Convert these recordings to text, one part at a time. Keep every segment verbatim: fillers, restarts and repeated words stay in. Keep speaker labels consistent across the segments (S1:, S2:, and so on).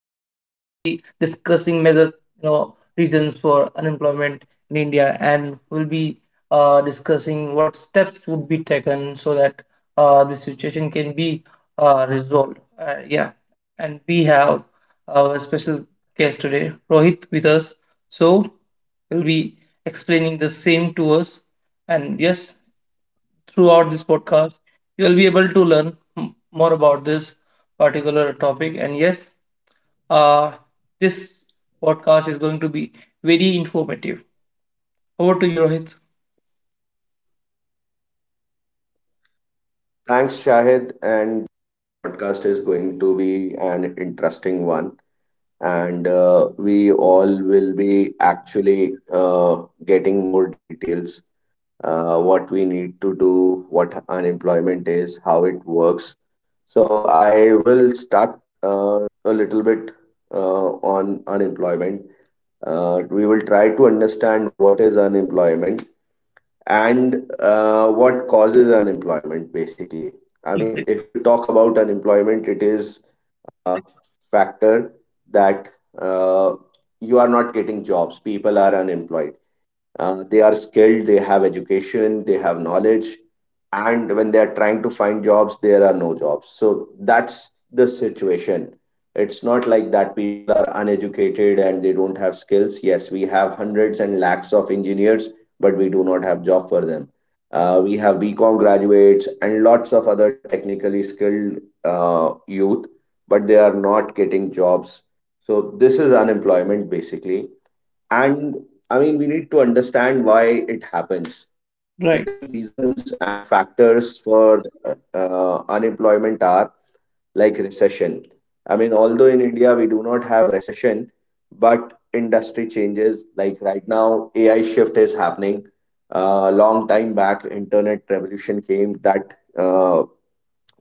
S1: be discussing major you know reasons for unemployment in India, and we'll be uh, discussing what steps would be taken so that uh, this situation can be uh, resolved. Uh, yeah, and we have our special guest today, Rohit, with us. So he'll be explaining the same to us. And yes, throughout this podcast, you will be able to learn m- more about this particular topic. And yes, uh, this podcast is going to be very informative. Over to you, Rohit.
S2: Thanks, Shahid. And Podcast is going to be an interesting one. And uh, We all will be actually uh, getting more details, uh, what we need to do, what unemployment is, how it works. So I will start uh, a little bit uh, on unemployment. Uh, we will try to understand what is unemployment and uh, what causes unemployment basically. I mean,
S1: Exactly.
S2: if you talk about unemployment, it is a factor that uh, you are not getting jobs, people are unemployed, uh, they are skilled, they have education, they have knowledge, and when they are trying to find jobs, there are no jobs. So that's the situation. It's not like that people are uneducated and they don't have skills. Yes, we have hundreds and lakhs of engineers, but we do not have job for them. Uh, we have BCom graduates and lots of other technically skilled uh, youth, but they are not getting jobs. So this is unemployment basically. And I mean, we need to understand why it happens. The major
S1: Right.
S2: reasons and factors for uh, uh, unemployment are like recession. I mean, although in India we do not have recession, but industry changes. Like right now, A I shift is happening. Uh, long time back, internet revolution came that uh,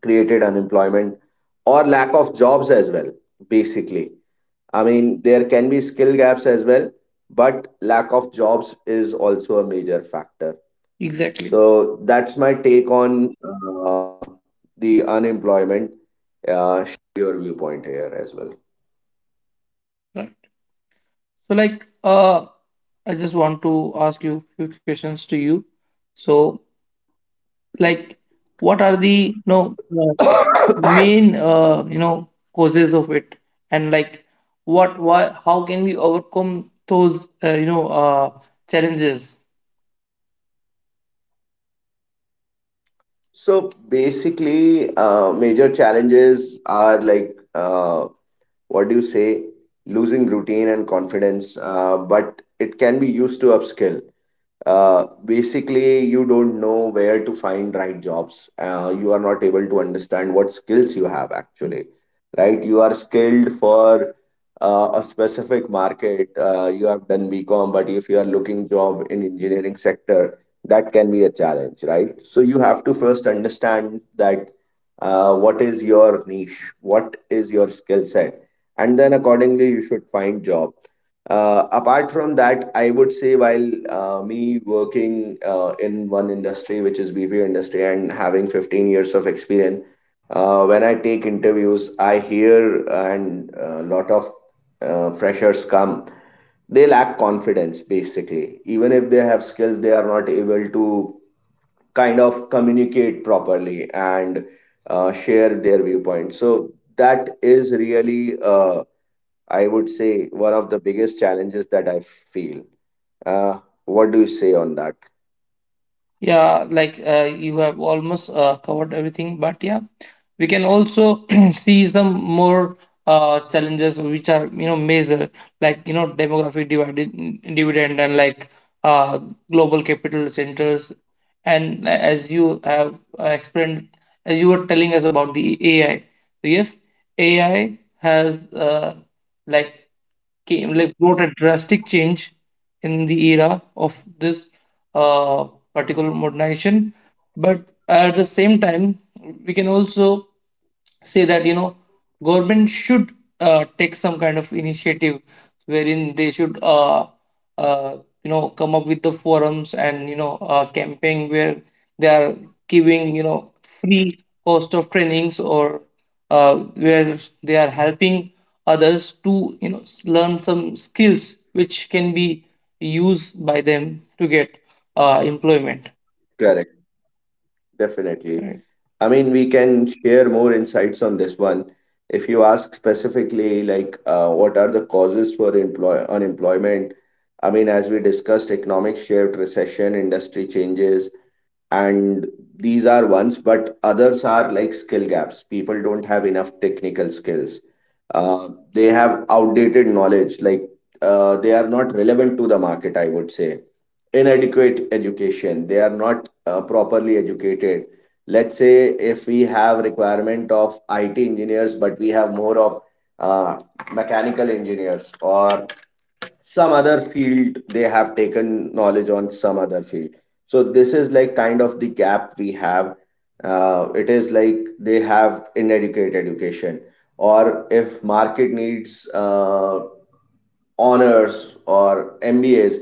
S2: created unemployment or lack of jobs as well, basically. I mean, there can be skill gaps as well, but lack of jobs is also a major factor.
S1: Exactly.
S2: So that's my take on uh, the unemployment. Uh, your viewpoint here as well.
S1: Right. So, like, uh, I just want to ask you a few questions to you. So, like, what are the no? Main uh, you know causes of it, and like what, why, how can we overcome those uh, you know uh, challenges?
S2: So basically, uh, major challenges are like, uh, what do you say, losing routine and confidence, uh, but it can be used to upskill. Uh, basically, you don't know where to find right jobs. Uh, you are not able to understand what skills you have actually, right? You are skilled for uh, a specific market. Uh, you have done bcom, but if you are looking job in engineering sector, that can be a challenge, right? So you have to first understand that, uh, what is your niche, what is your skill set, and then accordingly you should find job. Uh, apart from that, I would say while uh, me working uh, in one industry, which is B P O industry, and having fifteen years of experience, uh, when I take interviews, I hear and a lot of uh, freshers come. They lack confidence basically. Even if they have skills, they are not able to kind of communicate properly and uh, share their viewpoint. So that is really a. I would say one of the biggest challenges that I feel. Uh, what do you say on that?
S1: Yeah, like uh, you have almost uh, covered everything, but yeah, we can also see some more uh, challenges which are you know major, like you know demographic divided dividend and like uh, global capital centers, and as you have uh, explained, as you were telling us about the A I, so yes, A I has uh, like came like brought a drastic change in the era of this uh particular modernization. But at the same time, we can also say that you know government should uh, take some kind of initiative wherein they should uh, uh, you know come up with the forums and you know uh, campaign where they are giving you know free cost of trainings or uh, where they are helping others to you know s- learn some skills which can be used by them to get uh, employment,
S2: Correct. Definitely.
S1: right?
S2: I mean, we can share more insights on this one. If you ask specifically, like, uh, what are the causes for employ unemployment? I mean, as we discussed, economic shift, recession, industry changes, and these are ones, but others are like skill gaps. People don't have enough technical skills. Uh, they have outdated knowledge, like, uh, they are not relevant to the market, I would say inadequate education, they are not uh, properly educated. Let's say if we have requirement of it engineers, but we have more of uh, mechanical engineers or some other field, they have taken knowledge on some other field. So this is like kind of the gap we have. Uh, it is like they have inadequate education, or if market needs uh, honors or M B As,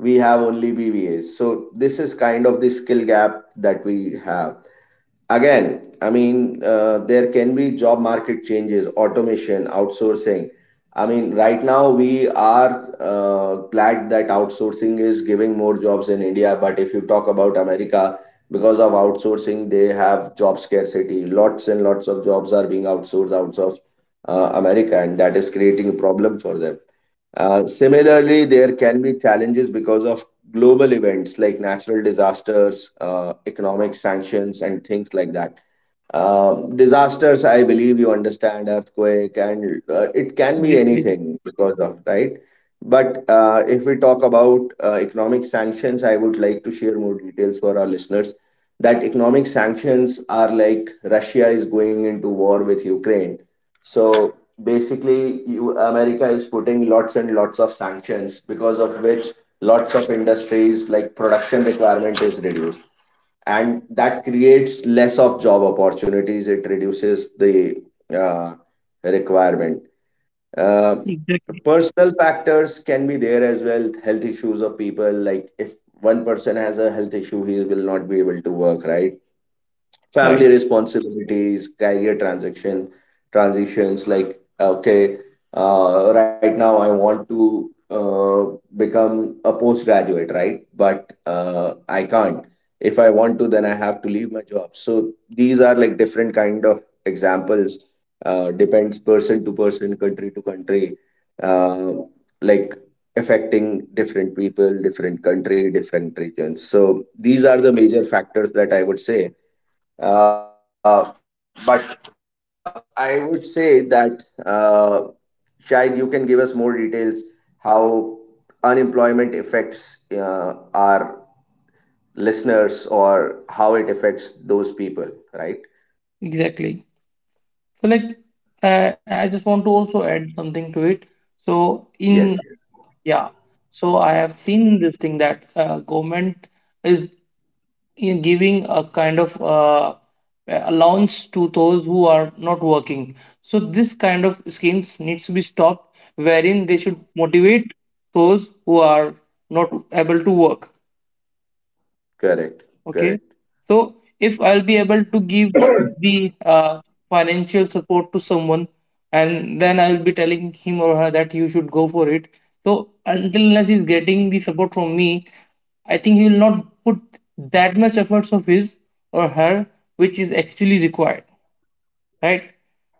S2: we have only B B As. So this is kind of the skill gap that we have. Again, I mean, uh, there can be job market changes, automation, outsourcing. I mean, right now we are uh, glad that outsourcing is giving more jobs in india, but if you talk about america, because of outsourcing they have job scarcity, lots and lots of jobs are being outsourced out of uh, america, and that is creating a problem for them. Uh, similarly, there can be challenges because of global events like natural disasters, uh, economic sanctions, and things like that. Um, disasters, I believe you understand, earthquake, and uh, it can be
S1: Exactly.
S2: anything because of, right? But uh, if we talk about uh, economic sanctions, I would like to share more details for our listeners that economic sanctions are like Russia is going into war with Ukraine. So basically, you, America is putting lots and lots of sanctions, because of which lots of industries like production requirement is reduced. And that creates less of job opportunities. It reduces the uh, requirement. Uh,
S1: Exactly.
S2: Personal factors can be there as well. Health issues of people, like if one person has a health issue, he will not be able to work, right? Family
S1: Right,
S2: responsibilities, career transaction transitions. Like okay, uh, right now I want to uh, become a postgraduate, right? But uh, I can't. If I want to, then I have to leave my job. So these are like different kind of examples. Uh, depends person to person, country to country. Uh, like affecting different people, different country, different regions. So these are the major factors that I would say. Uh, but uh, I would say that uh, Shahid, you can give us more details how unemployment affects uh, our listeners or how it affects those people, right?
S1: exactly. So like, uh, I just want to also add something to it. So
S2: Yes,
S1: in, yeah, so I have seen this thing that uh, government is, in giving a kind of uh, allowance to those who are not working. So this kind of schemes needs to be stopped, wherein they should motivate those who are not able to work.
S2: correct,
S1: Okay.
S2: correct,
S1: So if I'll be able to give the uh, financial support to someone and then I'll be telling him or her that you should go for it, so until unless he's getting the support from me, I think he will not put that much efforts of his or her which is actually required, right?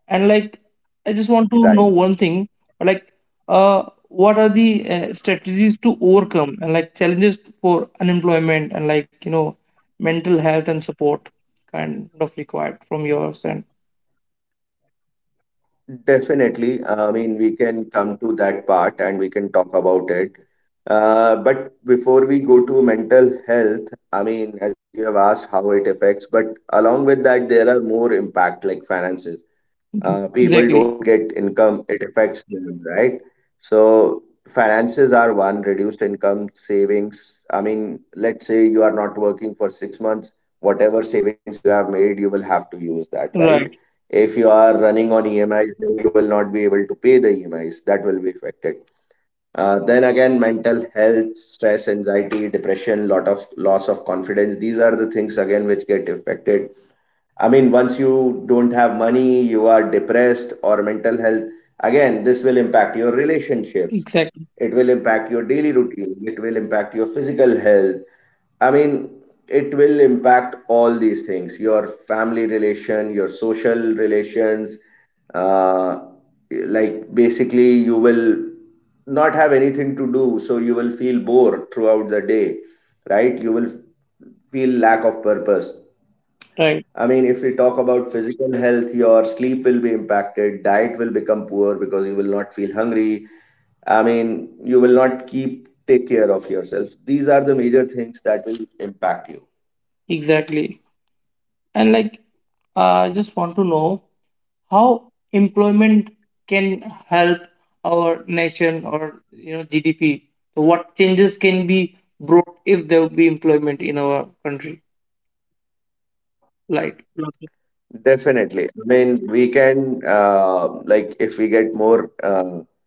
S1: And like, I just want to
S2: right.
S1: know one thing, like, uh, what are the uh, strategies to overcome and like challenges for unemployment and like you know mental health and support kind of required from yours and
S2: Definitely. I mean, we can come to that part and we can talk about it. Uh, but before we go to mental health, I mean, as you have asked how it affects, but along with that, there are more impact like finances. Uh, people
S1: exactly
S2: don't get income, it affects them, right? So finances are one, reduced income, savings. I mean, let's say you are not working for six months, whatever savings you have made, you will have to use that, right?
S1: right
S2: If you are running on E M Is, then you will not be able to pay the E M Is. That will be affected. Uh, then again, mental health, stress, anxiety, depression, lot of loss of confidence. These are the things again which get affected. I mean, once you don't have money, you are depressed or mental health, again, this will impact your relationships.
S1: exactly
S2: It will impact your daily routine. It will impact your physical health. I mean, it will impact all these things, your family relation, your social relations. Uh, like, basically, you will not have anything to do. So, you will feel bored throughout the day, right? You will feel lack of purpose.
S1: right
S2: I mean, if we talk about physical health, your sleep will be impacted, diet will become poor because you will not feel hungry. I mean, you will not keep take care of yourself. These are the major things that will impact you.
S1: exactly. And like, I just want to know how employment can help our nation or you know G D P. So what changes can be brought if there will be employment in our country? Like
S2: Definitely. I mean, we can uh, like if we get more uh,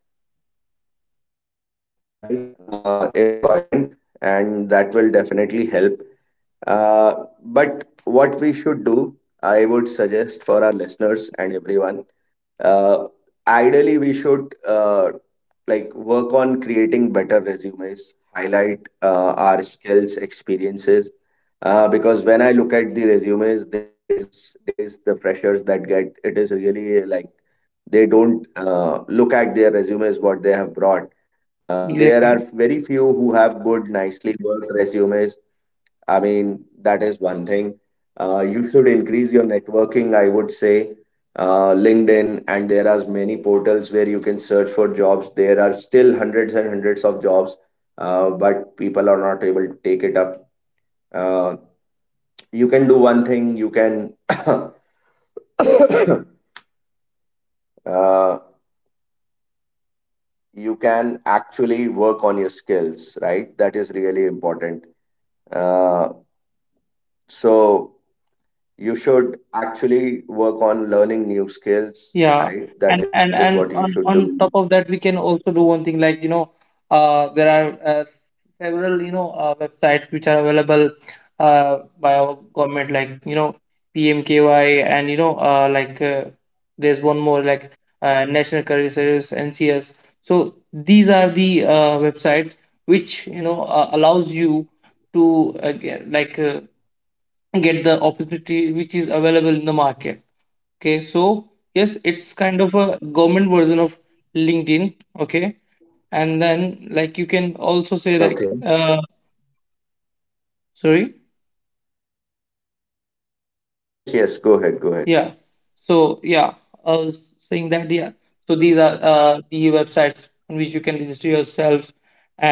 S2: right uh, employment, and that will definitely help. Uh, but what we should do, I would suggest for our listeners and everyone, uh, ideally we should uh, like work on creating better resumes, highlight uh, our skills, experiences. Uh, because when I look at the resumes these days, the freshers that get, it is really like they don't uh, look at their resumes what they have brought. Uh, there
S1: exactly,
S2: are very few who have good, nicely worked resumes. I mean, that is one thing. Uh, you should increase your networking, I would say. Uh, LinkedIn, and there are many portals where you can search for jobs. There are still hundreds and hundreds of jobs, uh, but people are not able to take it up. Uh, you can do one thing, you can uh, you can actually work on your skills, right? That is really important. Uh, so You should actually work on learning new skills,
S1: yeah.
S2: right?
S1: And
S2: That is
S1: and
S2: what you
S1: and
S2: should
S1: on
S2: do.
S1: on top of that, we can also do one thing like you know, uh, there are uh, several you know uh, websites which are available uh, by our government like you know P M K Y and you know uh, like uh, there's one more like uh, National Career Service N C S, so these are the uh, websites which you know uh, allows you to uh, get, like uh, get the opportunity which is available in the market. Okay, so yes, it's kind of a government version of LinkedIn. Okay, and then like you can also
S2: Okay.
S1: say like uh, sorry,
S2: Yes, yes, go ahead, go ahead.
S1: yeah, so yeah, I was saying that, yeah, so these are uh, the websites on which you can register yourself.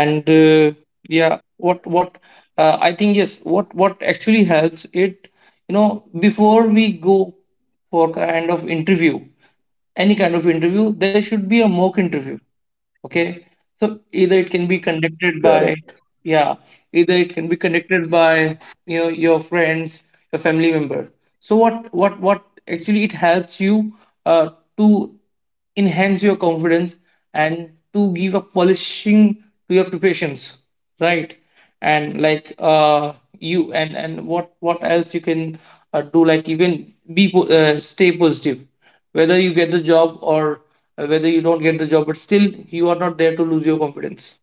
S1: And uh, yeah, what what uh, I think, yes, what what actually helps it, you know, before we go for kind of interview, any kind of interview, there should be a mock interview. Okay, so either it can be conducted
S2: Correct,
S1: by, yeah, either it can be conducted by you know your friends, your family member. So what what what actually it helps you uh, to enhance your confidence and to give a polishing to your preparations, right? And like uh you and and what what else you can uh, do, like you can be po- uh, stay positive. Whether you get the job or uh, whether you don't get the job, but still you are not there to lose your confidence.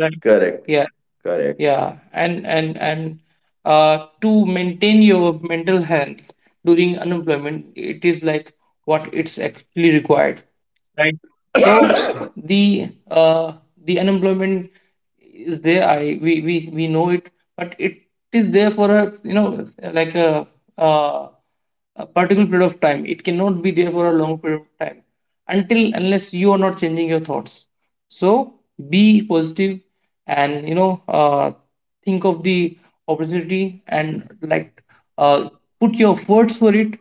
S1: Right. Yeah,
S2: correct,
S1: yeah, and and and uh, to maintain your mental health during unemployment, it is like what it's actually required, right? So the uh, the unemployment is there. I we we we know it, but it is there for a you know like a uh, a particular period of time. It cannot be there for a long period of time until unless you are not changing your thoughts. So be positive and you know uh, think of the opportunity and like uh, put your efforts for it.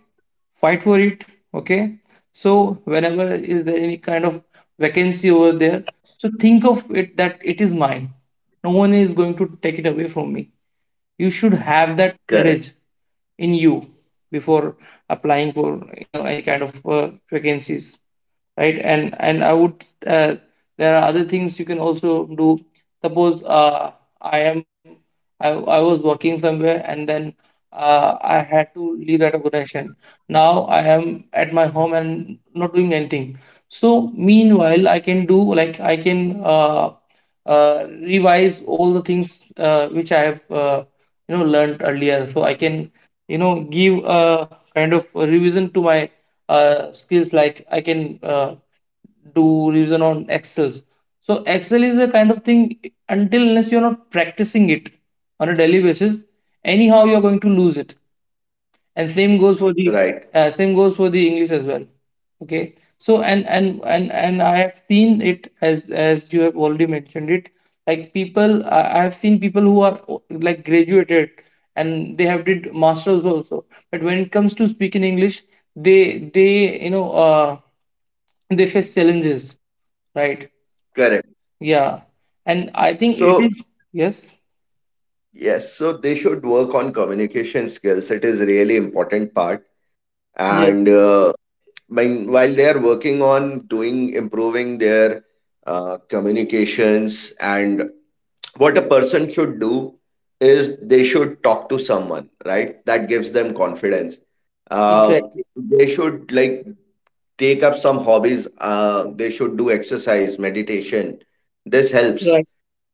S1: Fight for it. Okay, so whenever is there any kind of vacancy over there, so think of it that it is mine, no one is going to take it away from me. You should have that
S2: correct,
S1: courage in you before applying for you know any kind of uh, vacancies, right? And and I would, uh, there are other things you can also do. Suppose uh, i am I, I was working somewhere and then uh, I had to leave that organization. Now I am at my home and not doing anything. So meanwhile, I can do, like, I can uh, uh, revise all the things uh, which I have uh, you know learned earlier, so I can you know give a kind of a revision to my uh, skills, like I can uh, do revision on Excel. So Excel is a kind of thing, until unless you're not practicing it on a daily basis, anyhow you're going to lose it. And same goes for the
S2: right,
S1: uh, same goes for the English as well. Okay, so and and and and I have seen it, as as you have already mentioned it, like people, i I have seen people who are o- like graduated and they have did masters also, but when it comes to speaking English, they they you know uh, they face challenges, right?
S2: correct.
S1: Yeah, and I think it
S2: So,
S1: is, yes,
S2: yes, so they should work on communication skills. It is really important part.
S1: yeah,
S2: And uh, When, while they are working on doing, improving their uh, communications, and what a person should do is they should talk to someone, right? That gives them confidence. uh,
S1: exactly
S2: they should like take up some hobbies. Uh, they should do exercise, meditation. This
S1: right,
S2: helps.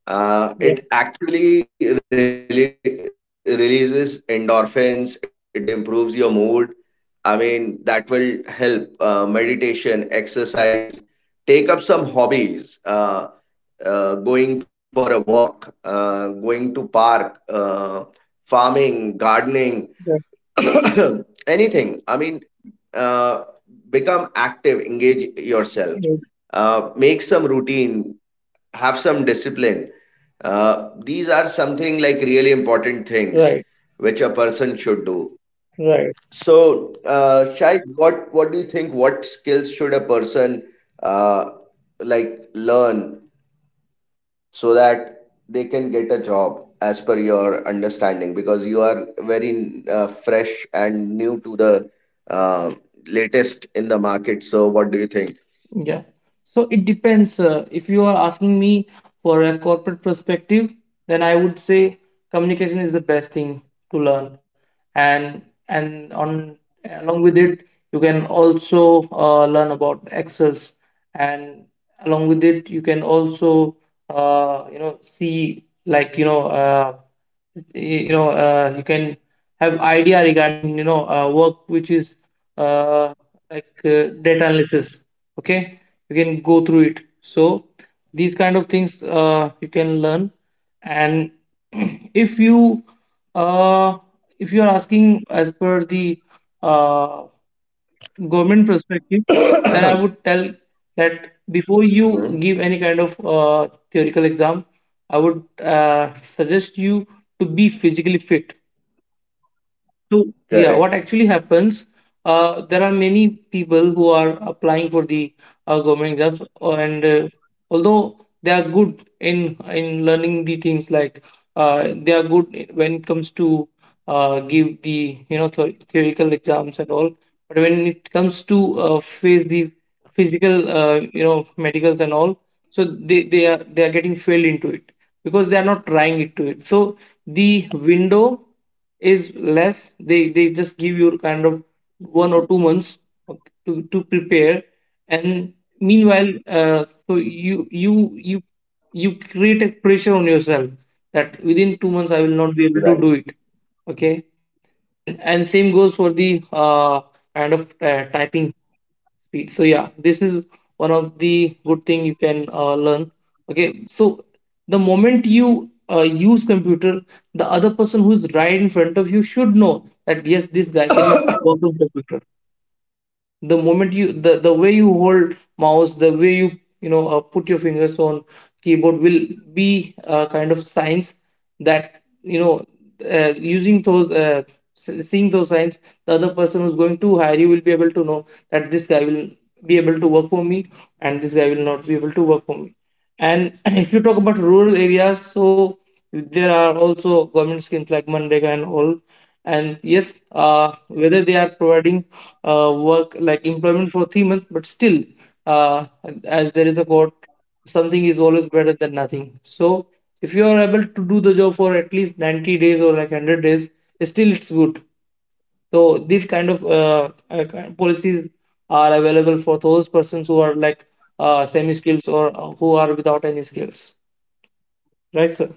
S1: yeah,
S2: uh, It actually really releases endorphins. It improves your mood. I mean, that will help, uh, meditation, exercise, take up some hobbies, uh, uh, going for a walk, uh, going to park, uh, farming, gardening,
S1: right,
S2: anything. I mean, uh, become active, engage yourself,
S1: right,
S2: uh, make some routine, have some discipline. Uh, these are something like really important things
S1: right.
S2: which a person should do.
S1: Right.
S2: So uh, Shai, what what do you think, what skills should a person uh, like learn so that they can get a job, as per your understanding? Because you are very uh, fresh and new to the uh, latest in the market, so what do you think?
S1: Yeah. So it depends. Uh, if you are asking me for a corporate perspective, then I would say communication is the best thing to learn, and and on along with it, you can also uh, learn about Excels, and along with it, you can also uh, you know see like you know uh, you know uh, you can have idea regarding you know uh, work which is uh, like uh, data analysis. Okay, you can go through it, so these kind of things uh, you can learn. And if you uh, if you are asking as per the uh, government perspective, then I would tell that before you
S2: Hmm.
S1: give any kind of uh, theoretical exam, I would uh, suggest you to be physically fit. So yeah,
S2: Correct.
S1: what actually happens? Uh, there are many people who are applying for the uh, government jobs, or- and uh, although they are good in in learning the things, like uh, they are good when it comes to uh, give the you know th theoretical exams and all, but when it comes to uh, face the physical uh, you know medicals and all, so they, they are they are getting failed into it because they are not trying it to it. So the window is less, they they just give you kind of one or two months to to prepare, and meanwhile uh, so you you you you create a pressure on yourself that within two months I will not be able
S2: Right.
S1: to do it. Okay. and and same goes for the uh, kind of uh, typing speed, so yeah, this is one of the good thing you can uh, learn. Okay, so the moment you uh, use computer, the other person who's right in front of you should know that yes, this guy can work on computer. The moment you, the, the way you hold mouse, the way you you know uh, put your fingers on keyboard will be a kind of signs, that you know uh, using those uh, s- seeing those signs, the other person who's going to hire you will be able to know that this guy will be able to work for me and this guy will not be able to work for me. And if you talk about rural areas, so there are also government schemes like Manrega and all. And yes, uh, whether they are providing uh, work like employment for three months, but still, uh, as there is a quote, something is always better than nothing. So if you are able to do the job for at least ninety days or like one hundred days, still it's good. So these kind of uh, uh, kind- policies are available for those persons who are like uh, semi skills or uh, who are without any skills. Right, sir.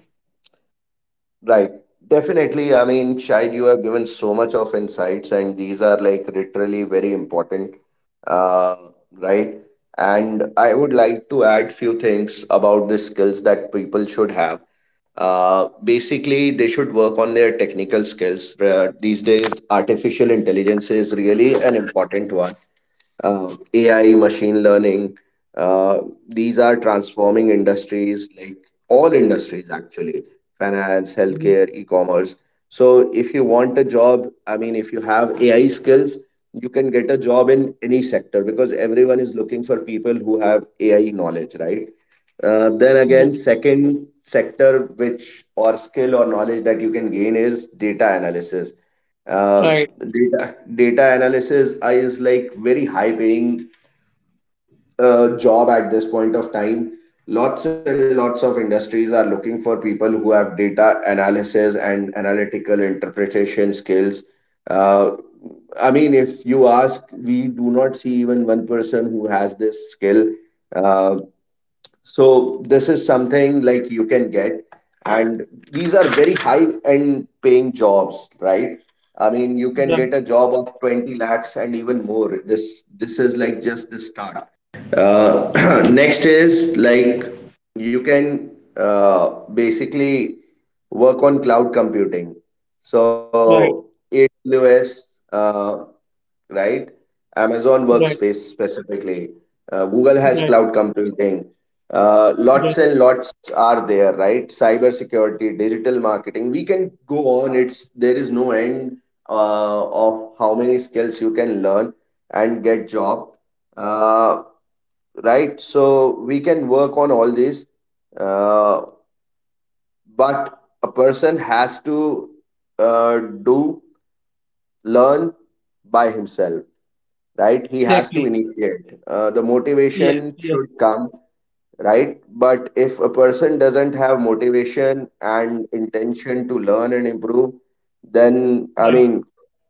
S2: Right. Definitely. I mean, Shahid, you have given so much of insights, and these are like literally very important. Uh, right. And I would like to add few things about the skills that people should have. Uh, basically, they should work on their technical skills. Uh, these days, artificial intelligence is really an important one, uh, A I, machine learning. Uh, these are transforming industries, like all industries actually, finance,
S1: Mm,
S2: healthcare, e-commerce. So if you want a job, I mean, if you have A I skills, you can get a job in any sector because everyone is looking for people who have A I knowledge, right? Uh, then
S1: no,
S2: again, second sector which or skill or knowledge that you can gain is data analysis. Uh,
S1: right.
S2: data data analysis I is like very high paying uh, job at this point of time. Lots and lots of industries are looking for people who have data analysis and analytical interpretation skills. Uh, I mean, if you ask, we do not see even one person who has this skill. Um so this is something like you can get, and these are very high end paying jobs, right? I mean, you can
S1: Right.
S2: get a job of twenty lakhs and even more. This this is like just the start. Uh, Next is like you can, uh, basically, work on cloud computing.
S1: Right.
S2: So A W S, uh, right? Amazon
S1: Right.
S2: Workspace specifically. Uh, Google
S1: Right.
S2: has cloud computing. Uh,
S1: Right.
S2: lots and lots are there, right? Cybersecurity, digital marketing. We can go on. It's there is no end uh, of how many skills you can learn and get job, uh, right? So we can work on all these, uh, but a person has to uh, do learn by himself, right? He has
S1: Exactly.
S2: to initiate. Uh, the
S1: Yes.
S2: motivation
S1: Yes.
S2: should come, right? But if a person doesn't have motivation and intention to learn and improve, then, I
S1: Right.
S2: mean,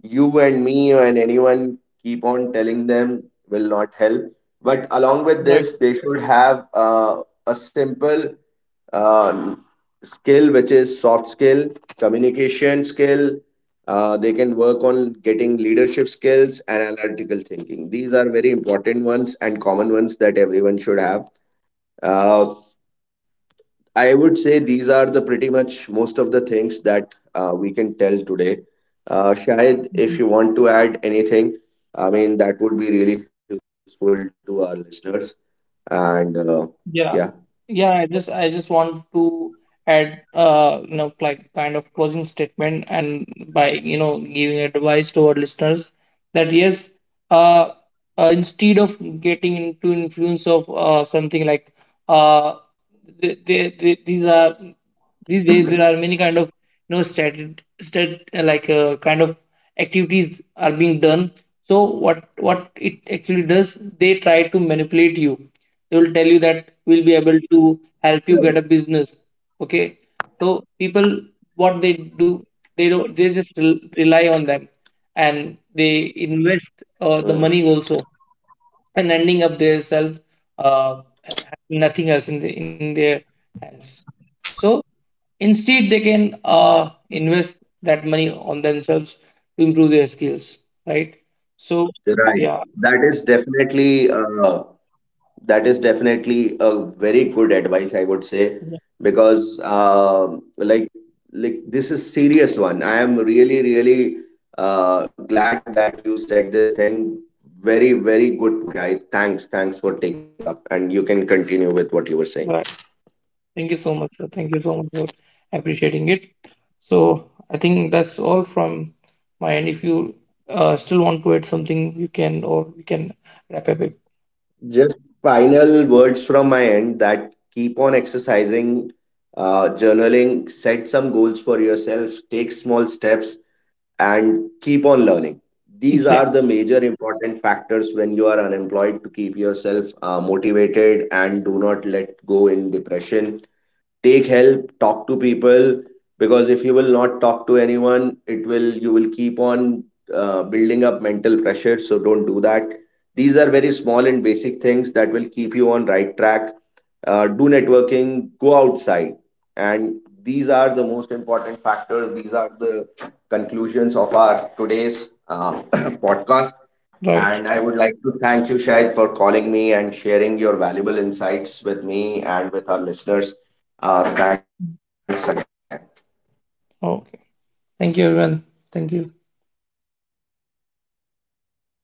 S2: you and me and anyone keep on telling them will not help. But along with
S1: Right.
S2: this, they should have uh, a simple uh, skill, which is soft skill, communication skill. Uh, they can work on getting leadership skills and analytical thinking. These are very important ones and common ones that everyone should have. Uh, i would say these are the pretty much most of the things that uh, we can tell today. Uh, Shahid, if you want to add anything, I mean, that would be really useful to our listeners, and uh, yeah.
S1: Yeah. Yeah, I just I just want to add uh you know like kind of closing statement and by you know giving advice to our listeners that yes, uh, uh instead of getting into influence of uh something like uh they, they, they, these are, these days there are many kind of you know stat, stat uh, like uh, kind of activities are being done. So what what it actually does, they try to manipulate you, they will tell you that we'll be able to help you get a business. Okay, so people what they do, they don't, they just rel- rely on them, and they invest
S2: Correct.
S1: uh, the money also and ending up their self uh, nothing else in, the, in their hands. So instead they can uh, invest that money on themselves to improve their skills, right?
S2: Right.
S1: So
S2: That
S1: yeah.
S2: is definitely uh, that is definitely a very good advice, I would say, because uh, like like this is serious one. I am really really uh, glad that you said this thing. Very very good point, Shai. Thanks thanks for taking this up, and you can continue with what you were saying.
S1: Thank you so much, sir. Thank you so much for appreciating it. So I think that's all from my end. If you uh, still want to add something, you can, or we can wrap up it.
S2: Just final words from my end: that keep on exercising, uh, journaling, set some goals for yourself, take small steps, and keep on learning. These
S1: Exactly.
S2: are the major important factors when you are unemployed, to keep yourself uh, motivated and do not let go in depression. Take help, talk to people, because if you will not talk to anyone, it will, you will keep on uh, building up mental pressure. So don't do that. These are very small and basic things that will keep you on right track. Uh, do networking, go outside. And these are the most important factors. These are the conclusions of our today's uh, podcast. And
S1: Right.
S2: I would like to thank you, Shahid, for calling me and sharing your valuable insights with me and with our listeners. Uh, thanks again.
S1: Okay. Thank you, everyone. Thank you.
S2: Take care, guys. Bye.